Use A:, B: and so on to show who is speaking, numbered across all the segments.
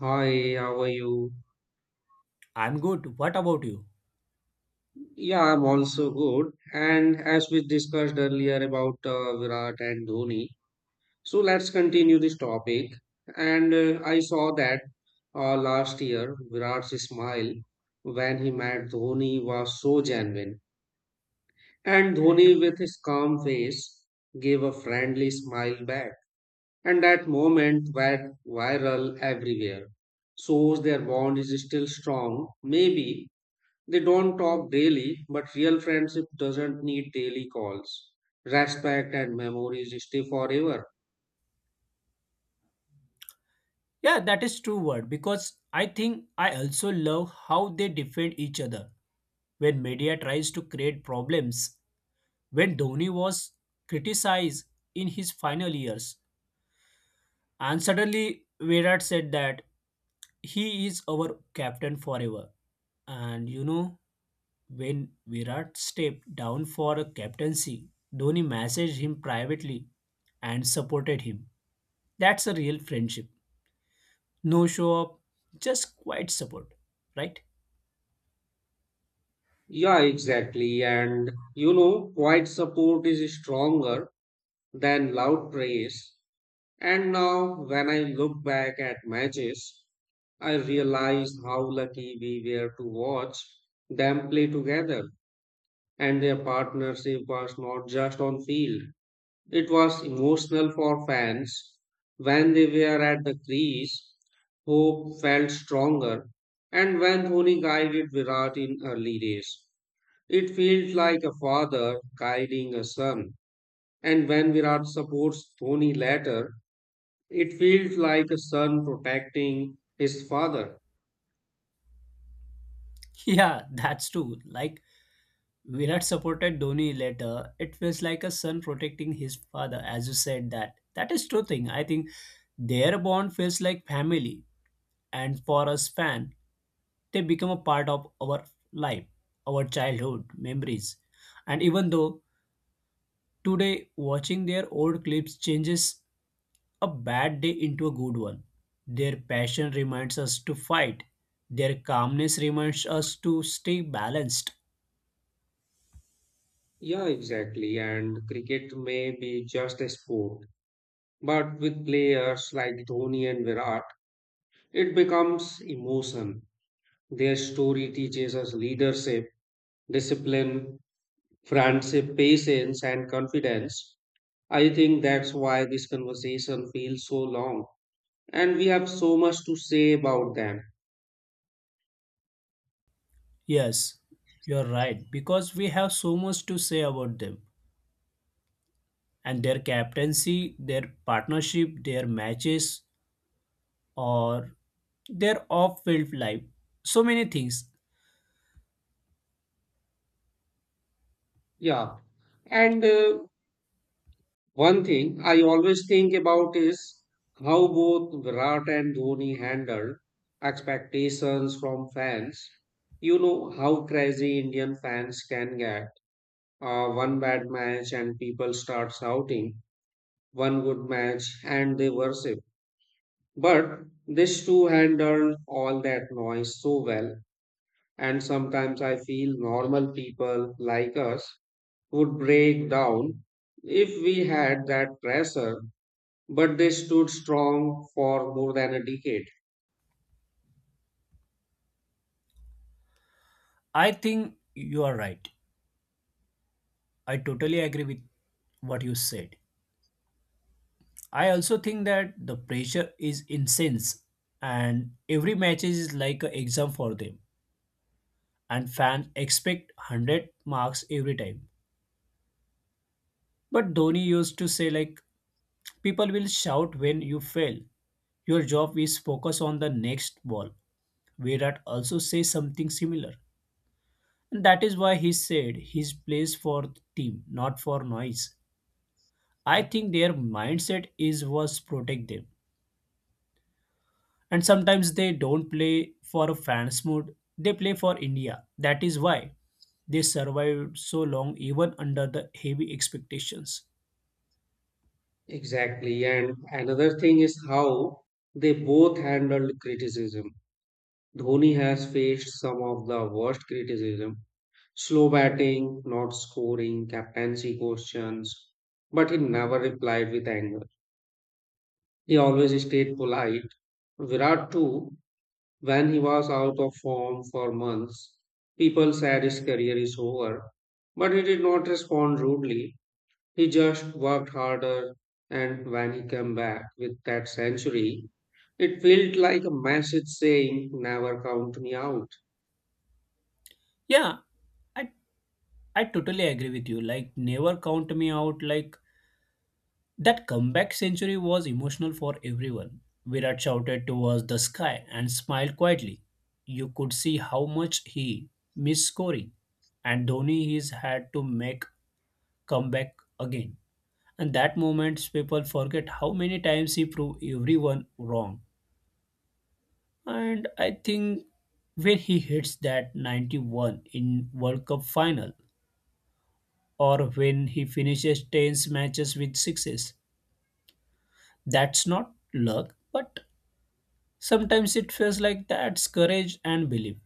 A: Hi, how are you?
B: I'm good. What about you?
A: Yeah, I'm also good. And as we discussed earlier about Virat and Dhoni, so let's continue this topic. And I saw that last year Virat's smile when he met Dhoni was so genuine. And Dhoni, with his calm face, gave a friendly smile back. And that moment went viral everywhere. Shows their bond is still strong. Maybe they don't talk daily, but real friendship doesn't need daily calls. Respect and memories stay forever.
B: Yeah, that is true word because I think I also love how they defend each other. When media tries to create problems, when Dhoni was criticized in his final years, and suddenly Virat said that he is our captain forever. And you know, when Virat stepped down for a captaincy, Dhoni messaged him privately and supported him. That's a real friendship. No show up, just quiet support, right?
A: Yeah, exactly. And you know, quiet support is stronger than loud praise. And now, when I look back at matches, I realize how lucky we were to watch them play together. And their partnership was not just on field, it was emotional for fans. When they were at the crease, hope felt stronger, and when Dhoni guided Virat in early days, it felt like a father guiding a son. And when Virat supports Dhoni later, it feels like a son protecting his father.
B: Yeah, that's true. Like Virat supported Dhoni later, it feels like a son protecting his father, as you said that. That is true thing. I think their bond feels like family, and for us fan, they become a part of our life, our childhood memories. And even though today watching their old clips changes a bad day into a good one. Their passion reminds us to fight. Their calmness reminds us to stay balanced.
A: Yeah, exactly. And cricket may be just a sport, but with players like Dhoni and Virat, it becomes emotion. Their story teaches us leadership, discipline, friendship, patience, and confidence. I think that's why this conversation feels so long, and we have so much to say about them.
B: Yes, you're right, because we have so much to say about them and their captaincy, their partnership, their matches, or their off field life. So many things.
A: Yeah. And one thing I always think about is how both Virat and Dhoni handled expectations from fans. You know how crazy Indian fans can get. One bad match and people start shouting, one good match and they worship. But this two had done all that noise so well, and sometimes I feel normal people like us would break down if we had that pressure, but they stood strong for more than a decade.
B: I think you are right. I totally agree with what you said. I also think that the pressure is intense and every match is like an exam for them and fans expect 100 marks every time. But Dhoni used to say, like, people will shout when you fail. Your job is focus on the next ball. Virat also says something similar. And that is why he said his plays for team, not for noise. I think their mindset is was protect them, and sometimes they don't play for a fans mood, they play for India. That is why they survived so long even under the heavy expectations.
A: Exactly, and another thing is how they both handled criticism. Dhoni has faced some of the worst criticism. Slow batting, not scoring, captaincy questions, but he never replied with anger. He always stayed polite. Virat too, when he was out of form for months, people said his career is over, but he did not respond rudely. He just worked harder, and when he came back with that century, it felt like a message saying, never count me out.
B: Yeah, i I totally agree with you. Like never count me out, like that comeback century was emotional for everyone. Virat shouted towards the sky and smiled quietly. You could see how much he missed scoring. And Dhoni is had to make comeback again, and that moment, people forget how many times he proved everyone wrong. And I think when he hits that 91 in world cup final, or when he finishes 10 matches with sixes, that's not luck, but sometimes it feels like that's courage and belief.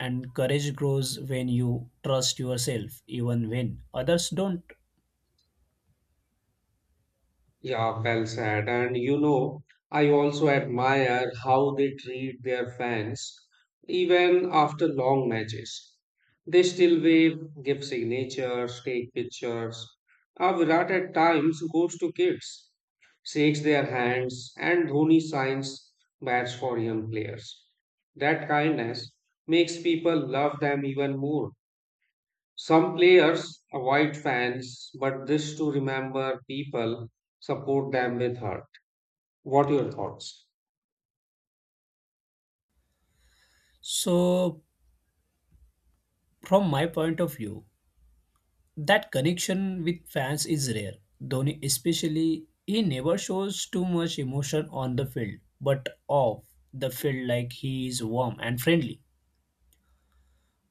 B: And courage grows when you trust yourself even when others don't.
A: Yeah, well said. And you know, I also admire how they treat their fans even after long matches. They still wave, give signatures, take pictures. Virat at times goes to kids, shakes their hands, and Dhoni signs bats for young players. That kindness makes people love them even more. Some players avoid fans, but this to remember people support them with heart. What your thoughts?
B: So from my point of view, that connection with fans is rare. Dhoni, especially, he never shows too much emotion on the field, but off the field, like he is warm and friendly.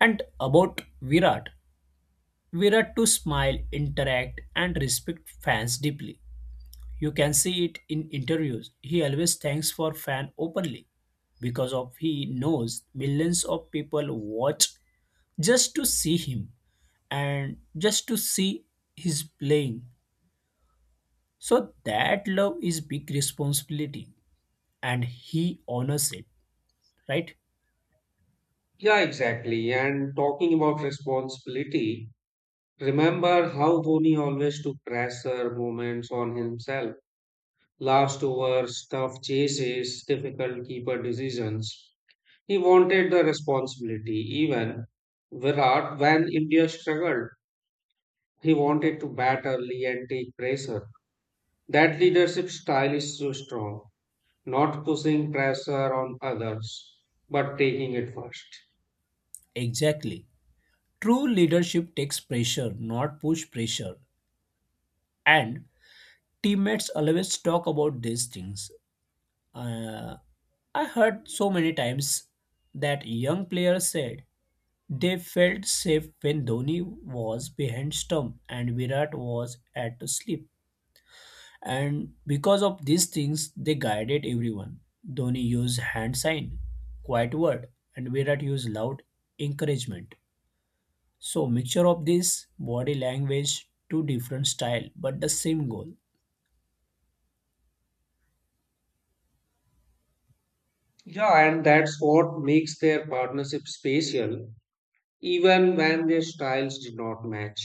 B: And about Virat, Virat to smile, interact, and respect fans deeply. You can see it in interviews. He always thanks for fan openly because of he knows millions of people watch just to see him and just to see his playing. So that love is big responsibility, and he honors it, right?
A: Yeah, exactly. And talking about responsibility, remember how Dhoni always took pressure moments on himself. Last overs, tough chases, difficult keeper decisions. He wanted the responsibility. Even Virat, when India struggled, he wanted to bat early and take pressure. That leadership style is so strong, not pushing pressure on others, but taking it first.
B: Exactly. True leadership takes pressure, not push pressure. And teammates always talk about these things. Uh, I heard so many times that young players said they felt safe when Dhoni was behind stump and Virat was at to sleep. And because of these things, they guided everyone. Dhoni used hand sign, quiet word, and Virat used loud encouragement. So mixture of this body language, two different style, but the same goal.
A: Yeah, and that's what makes their partnership special, even when their styles did not match.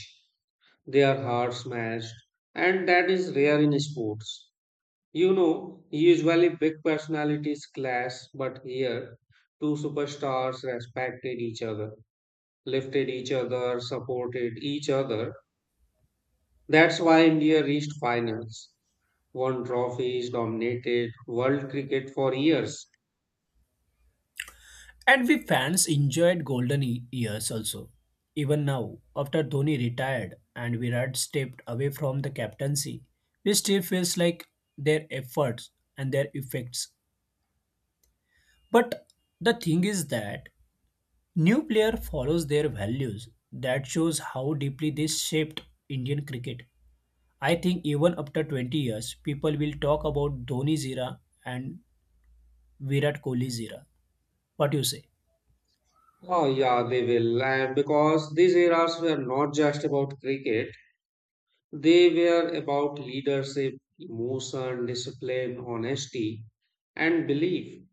A: Their hearts matched, and that is rare in sports. You know, usually big personalities clash, but here, two superstars respected each other, lifted each other, supported each other. That's why India reached finals, won trophies, dominated world cricket for years.
B: And we fans enjoyed golden years also. Even now, after Dhoni retired and Virat stepped away from the captaincy, we still feels like their efforts and their effects. But the thing is that new player follows their values. That shows how deeply this shaped Indian cricket. I think even after 20 years, people will talk about Dhoni's era and Virat Kohli's era. What you say?
A: Oh, yeah, they will. And because these eras were not just about cricket, they were about leadership, emotion, discipline, honesty, and belief.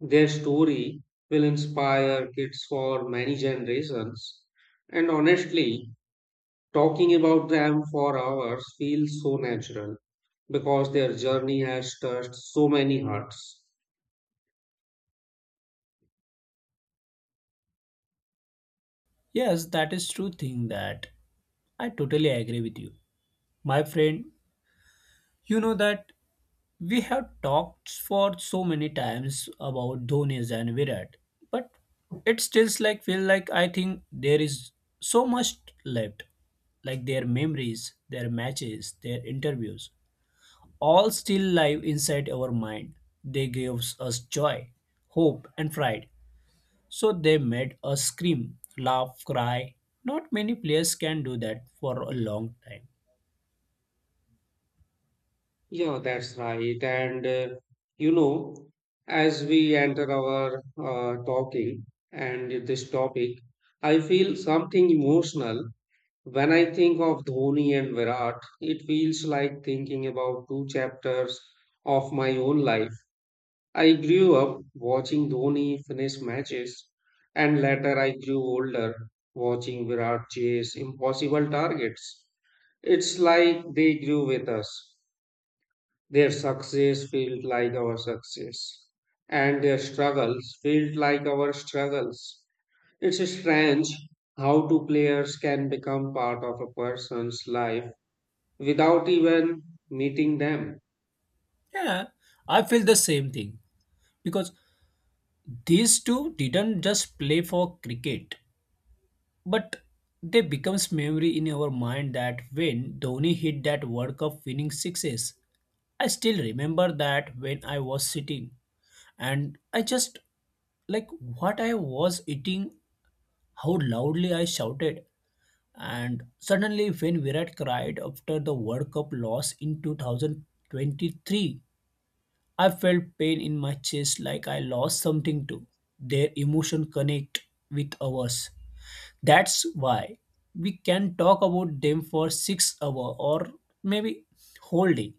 A: Their story will inspire kids for many generations. And honestly, talking about them for hours feels so natural because their journey has touched so many hearts.
B: Yes, that is true thing that I totally agree with you. My friend, you know that we have talked for so many times about Dhoni's and Virat, but it still like feel like I think there is so much left, like their memories, their matches, their interviews, all still live inside our mind. They gave us joy, hope, and pride. So they made us scream, laugh, cry. Not many players can do that for a long time.
A: Yeah, that's right. And you know, as we enter our talking and this topic, I feel something emotional. When I think of Dhoni and Virat, it feels like thinking about two chapters of my own life. I grew up watching Dhoni finish matches, and later I grew older watching Virat chase impossible targets. It's like they grew with us, their success felt like our success, and their struggles felt like our struggles. It's strange how two players can become part of a person's life without even meeting them.
B: Yeah, I feel the same thing because these two didn't just play for cricket, but they becomes memory in our mind that when Dhoni hit that World Cup winning sixes, I still remember that when I was sitting and I just like what I was eating, how loudly I shouted. And suddenly when Virat cried after the World Cup loss in 2023, I felt pain in my chest like I lost something too. Their emotion connect with ours. That's why we can talk about them for 6 hour or maybe whole day,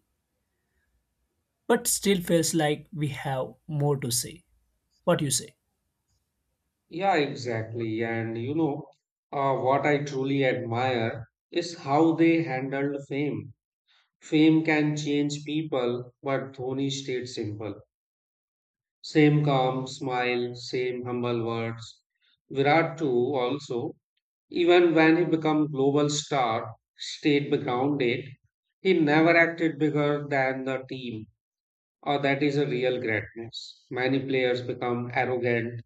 B: but still feels like we have more to say. What you say?
A: Yeah, exactly. And you know, what I truly admire is how they handled fame. Fame can change people, but Dhoni stayed simple. Same calm smile, same humble words. Virat too also, even when he became global star, stayed grounded, he never acted bigger than the team, or that is a real greatness. Many players become arrogant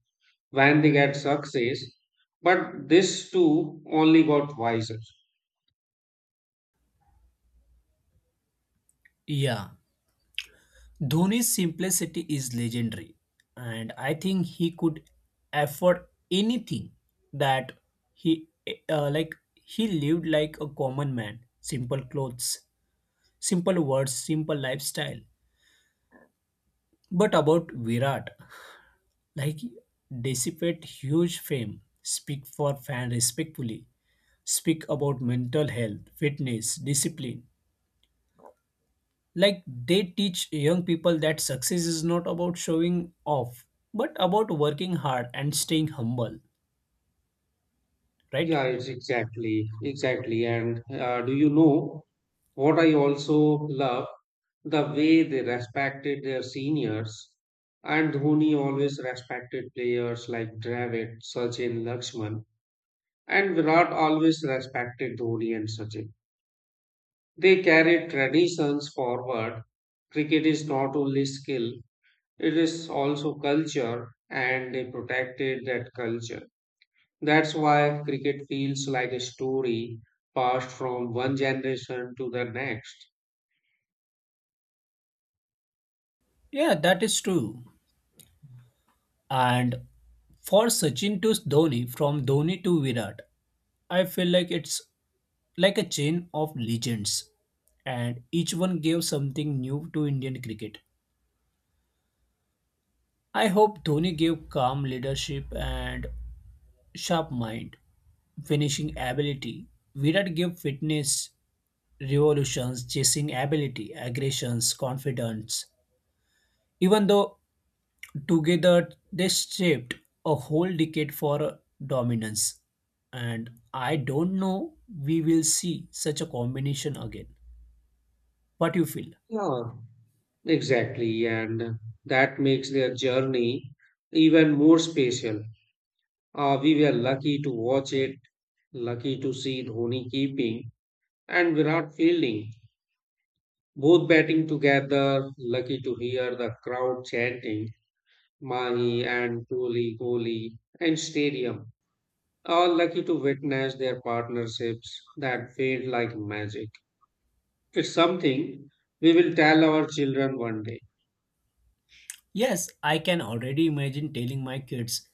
A: when they get success, but this too only got wiser.
B: Yeah, Dhoni's simplicity is legendary, and I think he could afford anything that he like he lived like a common man simple clothes simple words, simple lifestyle. But about Virat, like dissipate huge fame, speak for fan respectfully, speak about mental health, fitness, discipline. Like they teach young people that success is not about showing off, but about working hard and staying humble, right?
A: Yeah, it's exactly. And do you know what I also love? The way they respected their seniors. And Dhoni always respected players like Dravid, Sachin, Lakshman. And Virat always respected Dhoni and Sachin. They carried traditions forward. Cricket is not only skill, it is also culture, and they protected that culture. That's why cricket feels like a story passed from one generation to the next.
B: Yeah, that is true. And for Sachin to Dhoni, from Dhoni to Virat, I feel like it's like a chain of legends, and each one gave something new to Indian cricket. I hope Dhoni gave calm leadership and sharp mind, finishing ability. Virat gave fitness, revolutions, chasing ability, aggressions, confidence. Even though together they shaped a whole decade for dominance. And I don't know we will see such a combination again. What you feel?
A: Yeah, exactly. And that makes their journey even more special. We were lucky to watch it, lucky to see Dhoni keeping and Virat fielding, both batting together. Lucky to hear the crowd chanting Mahi and Kohli, Kohli, and stadium. All lucky to witness their partnerships that fade like magic. It's something we will tell our children one day.
B: Yes, I can already imagine telling my kids,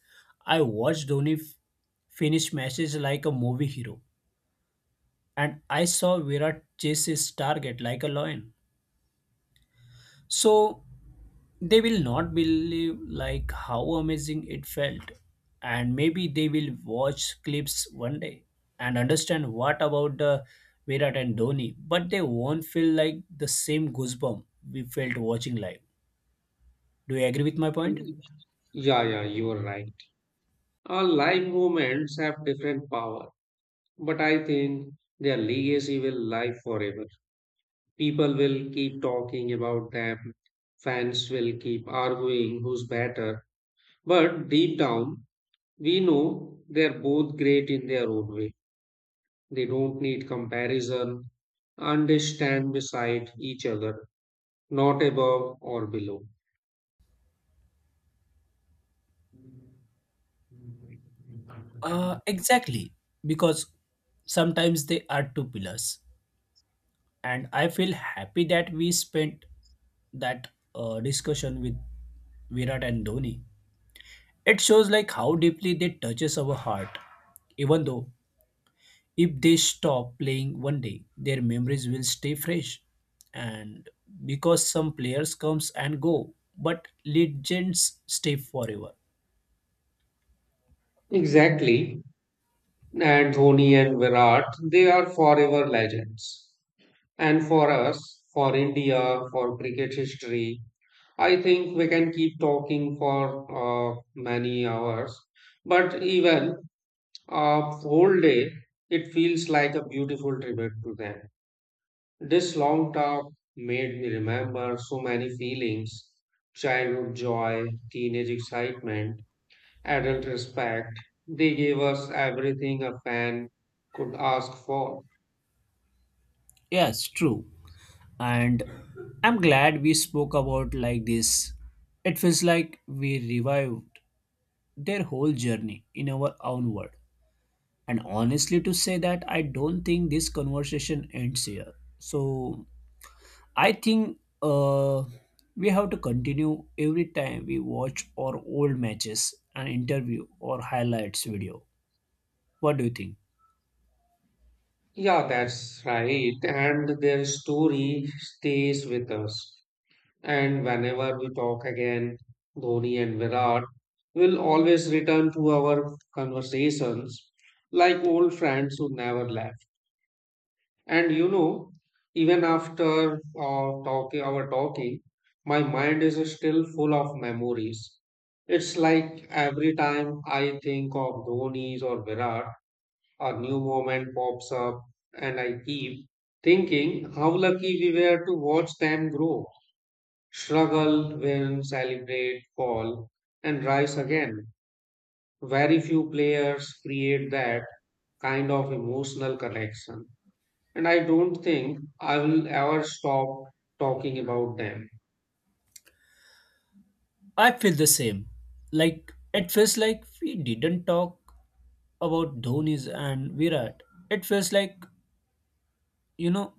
B: I watched Dhoni finish matches like a movie hero, and I saw Virat chase his target like a lion. So they will not believe like how amazing it felt, and maybe they will watch clips one day and understand what about the Virat and Dhoni, but they won't feel like the same goosebump we felt watching live. Do you agree with my point?
A: Yeah, yeah, you are right. All live moments have different power, but I think their legacy will live forever. People will keep talking about them, fans will keep arguing who's better, but deep down, we know they're both great in their own way. They don't need comparison, and they stand beside each other, not above or below.
B: Exactly, because sometimes they are two pillars, and I feel happy that we spent that discussion with Virat and Dhoni. It shows like how deeply they touches our heart. Even though if they stop playing one day, their memories will stay fresh. And because some players comes and go, but legends stay forever.
A: Exactly. And Dhoni and Virat, they are forever legends. And for us, for India, for cricket history, I think we can keep talking for many hours, but even a whole day, it feels like a beautiful tribute to them. This long talk made me remember so many feelings, childhood joy, teenage excitement, adult respect. They gave us everything a fan could ask for.
B: Yes, true. And I'm glad we spoke about like this. It feels like we revived their whole journey in our own word. And honestly to say that I don't think this conversation ends here. So I think we have to continue every time we watch our old matches, an interview or highlights video. What do you think?
A: Yeah, that's right. And their story stays with us. And whenever we talk again, Dhoni and Virat will always return to our conversations like old friends who never left. And you know, even after our talking, my mind is still full of memories. It's like every time I think of Dhoni's or Virat, a new moment pops up, and I keep thinking how lucky we were to watch them grow, struggle, win, celebrate, fall, and rise again. Very few players create that kind of emotional connection. And I don't think I will ever stop talking about them.
B: I feel the same. Like it feels like we didn't talk about Dhoni's and Virat. It feels like, you know,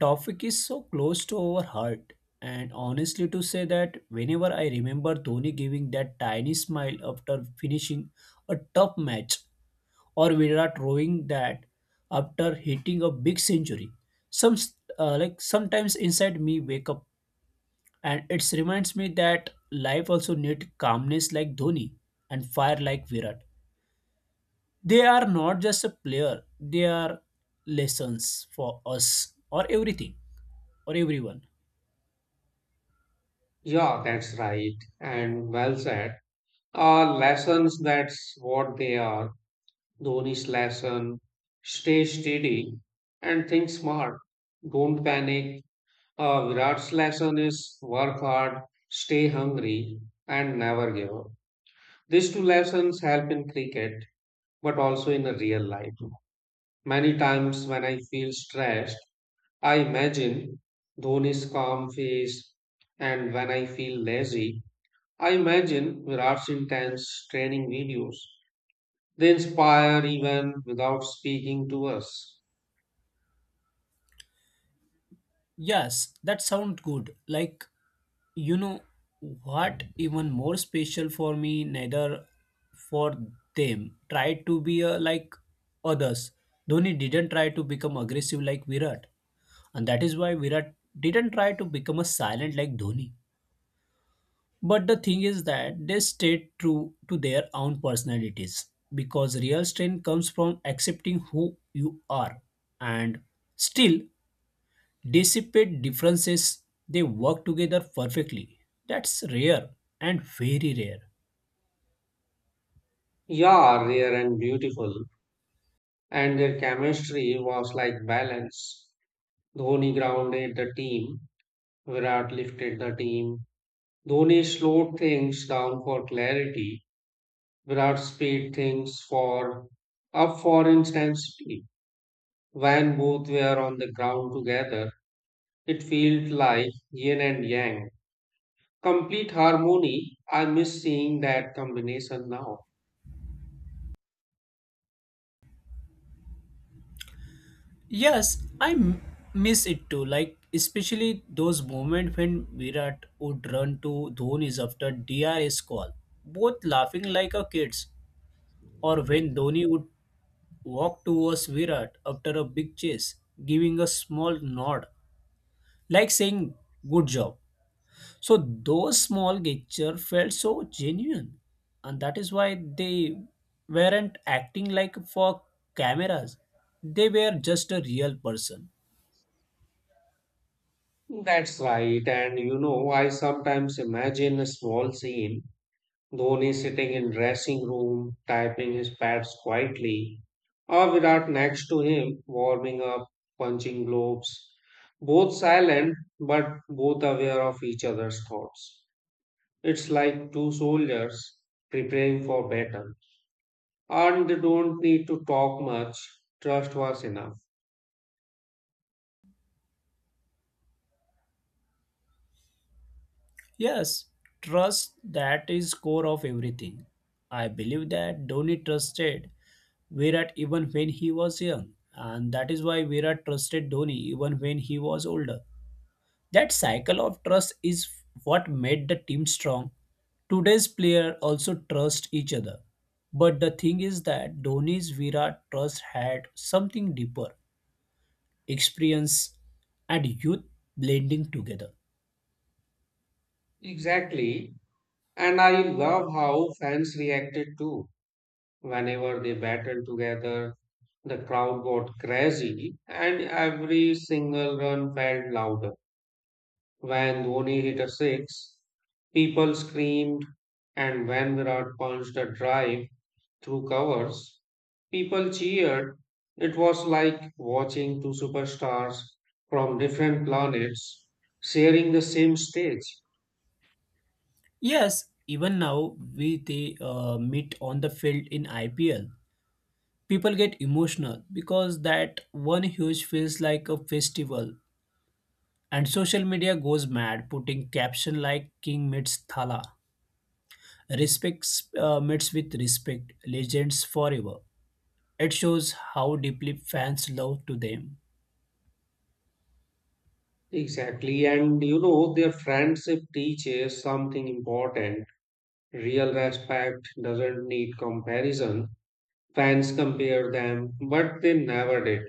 B: topic is so close to our heart. And honestly, to say that whenever I remember Dhoni giving that tiny smile after finishing a tough match, or Virat rowing that after hitting a big century, some like sometimes inside me wake up, and it reminds me that life also need calmness like Dhoni and fire like Virat. They are not just a player, they are lessons for us or everything or everyone.
A: Yeah, that's right. And well said. Lessons, that's what they are. Dhoni's lesson, stay steady and think smart. Don't panic. Virat's lesson is work hard, stay hungry, and never give up. These two lessons help in cricket, but also in a real life. Many times when I feel stressed, I imagine Dhoni's calm face, and when I feel lazy, I imagine Virat's intense training videos. They inspire even without speaking to us.
B: Yes, that sounds good. Like, you know, what even more special for me, neither for them, tried to be like others. Dhoni didn't try to become aggressive like Virat. And that is why Virat didn't try to become a silent like Dhoni. But the thing is that they stayed true to their own personalities because real strength comes from accepting who you are and still dissipate differences. They work together perfectly. That's rare and very rare.
A: Yeah, rare and beautiful, and their chemistry was like balance. Dhoni grounded the team. Virat lifted the team. Dhoni slowed things down for clarity. Virat speed things for up for intensity. When both were on the ground together, it felt like yin and yang. Complete harmony. I miss seeing that combination now.
B: Yes, I miss it too. Like especially those moments when Virat would run to Dhoni's after DRS call, both laughing like a kids, or when Dhoni would walked towards Virat after a big chase, giving a small nod, like saying, "Good job." So those small gestures felt so genuine, and that is why they weren't acting like for cameras. They were just a real person.
A: That's right. And you know, I sometimes imagine a small scene, Dhoni sitting in dressing room, typing his pads quietly, or Virat next to him, warming up, punching globes. Both silent, but both aware of each other's thoughts. It's like two soldiers preparing for battle. And they don't need to talk much. Trust was enough.
B: Yes, trust that is core of everything. I believe that Dhoni trusted Virat even when he was young, and that is why Virat trusted Dhoni even when he was older. That cycle of trust is what made the team strong. Today's player also trust each other. But the thing is that Dhoni's Virat trust had something deeper, experience and youth blending together.
A: Exactly. And I love how fans reacted too. Whenever they battled together, the crowd got crazy, and every single run felt louder. When Dhoni hit a six, people screamed, and when Virat punched a drive through covers, people cheered. It was like watching two superstars from different planets sharing the same stage.
B: Yes, even now we they meet on the field in IPL. People get emotional because that one huge feels like a festival, and social media goes mad putting caption like "King meets Thala." Respect meets with respect, legends forever. It shows how deeply fans love to them.
A: Exactly, and you know, their friendship teaches something important. Real respect doesn't need comparison. Fans compared them, but they never did.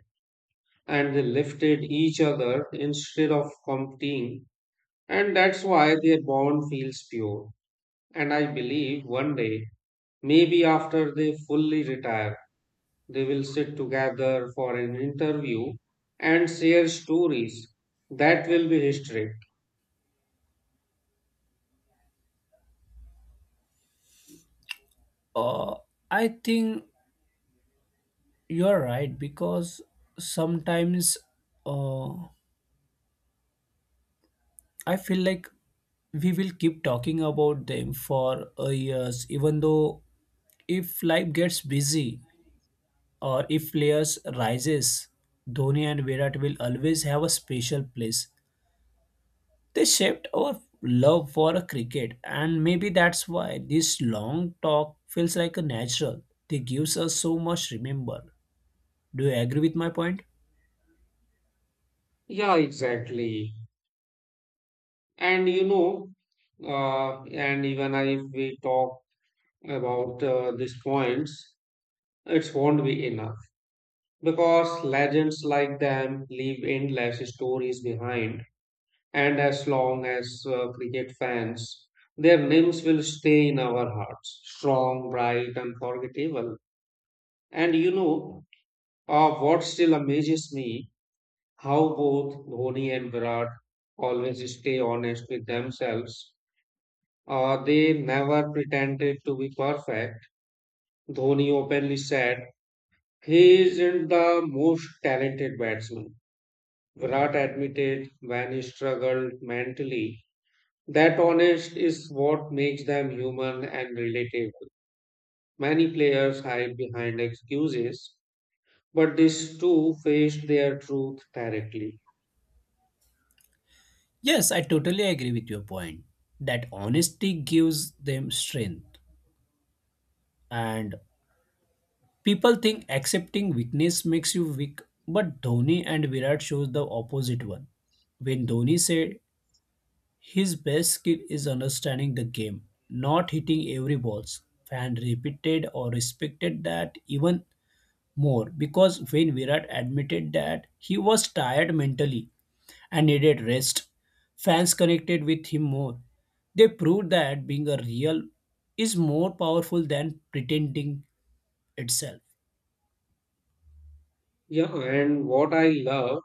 A: And they lifted each other instead of competing. And that's why their bond feels pure. And I believe one day, maybe after they fully retire, they will sit together for an interview and share stories. That will be history.
B: Uh, I think you're right because sometimes uh, I feel like we will keep talking about them for years, even though if life gets busy or if players rises, Dhoni and Virat will always have a special place. They shaped our love for a cricket, and maybe that's why this long talk feels like a natural. They gives us so much remember. Do you agree with my point?
A: Yeah, exactly. And you know, and even if we talk about these points, it won't be enough because legends like them leave endless stories behind. And as long as cricket fans, their names will stay in our hearts, strong, bright, unforgettable. And you know, what still amazes me, how both Dhoni and Virat always stay honest with themselves. They never pretended to be perfect. Dhoni openly said, he isn't the most talented batsman. Virat admitted when he struggled mentally. That honest is what makes them human and relatable. Many players hide behind excuses, but these two faced their truth directly.
B: Yes, I totally agree with your point. That honesty gives them strength. And people think accepting weakness makes you weak, but Dhoni and Virat shows the opposite one. When Dhoni said his best skill is understanding the game, not hitting every balls. Fans repeated or respected that even more because when Virat admitted that he was tired mentally and needed rest, fans connected with him more. They proved that being a real is more powerful than pretending itself.
A: Yeah, and what I love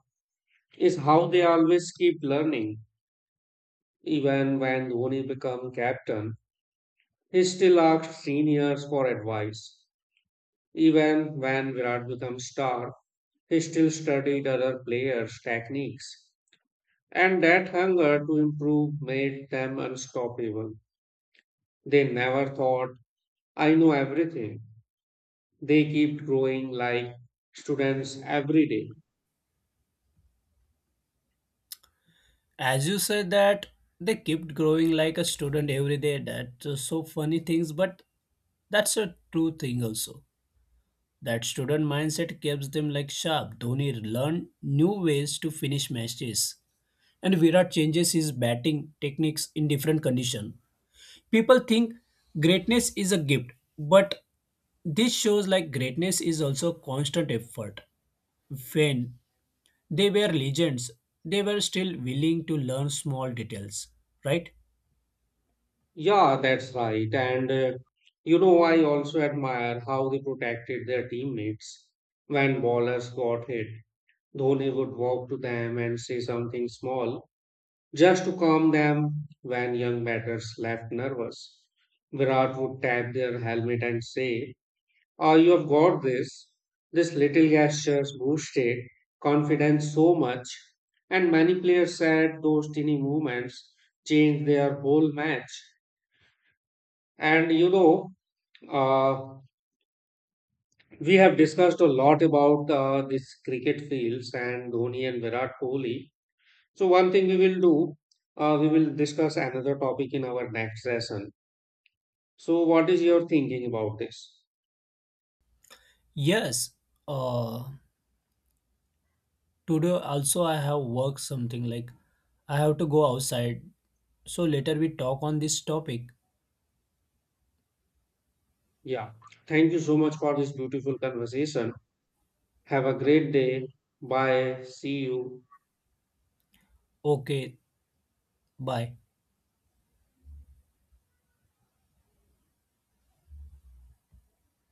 A: is how they always keep learning. Even when Dhoni became captain, he still asked seniors for advice. Even when Virat became star, he still studied other players' techniques. And that hunger to improve made them unstoppable. They never thought, I know everything. They kept growing like students every day.
B: As you said that they kept growing like a student every day. That's so funny things, but that's a true thing also. That student mindset keeps them like sharp. Dhoni learned new ways to finish matches, and Virat changes his batting techniques in different conditions. People think greatness is a gift, but this shows like greatness is also constant effort. When they were legends, they were still willing to learn small details, right?
A: Yeah, that's right. And you know, I also admire how they protected their teammates. When ballers got hit, Dhoni would walk to them and say something small just to calm them when young batters left nervous. Virat would tap their helmet and say, oh, you have got this. This little gestures boosted confidence so much, and many players said those teeny movements changed their whole match. And you know, uh, we have discussed a lot about this cricket fields and Dhoni and Virat Kohli. So one thing we will do, we will discuss another topic in our next session. So what is your thinking about this?
B: Yes. Uh, Today also I have worked something like I have to go outside. So later we talk on this topic.
A: Yeah, thank you so much for this beautiful conversation. Have a great day. Bye. See you.
B: Okay, bye.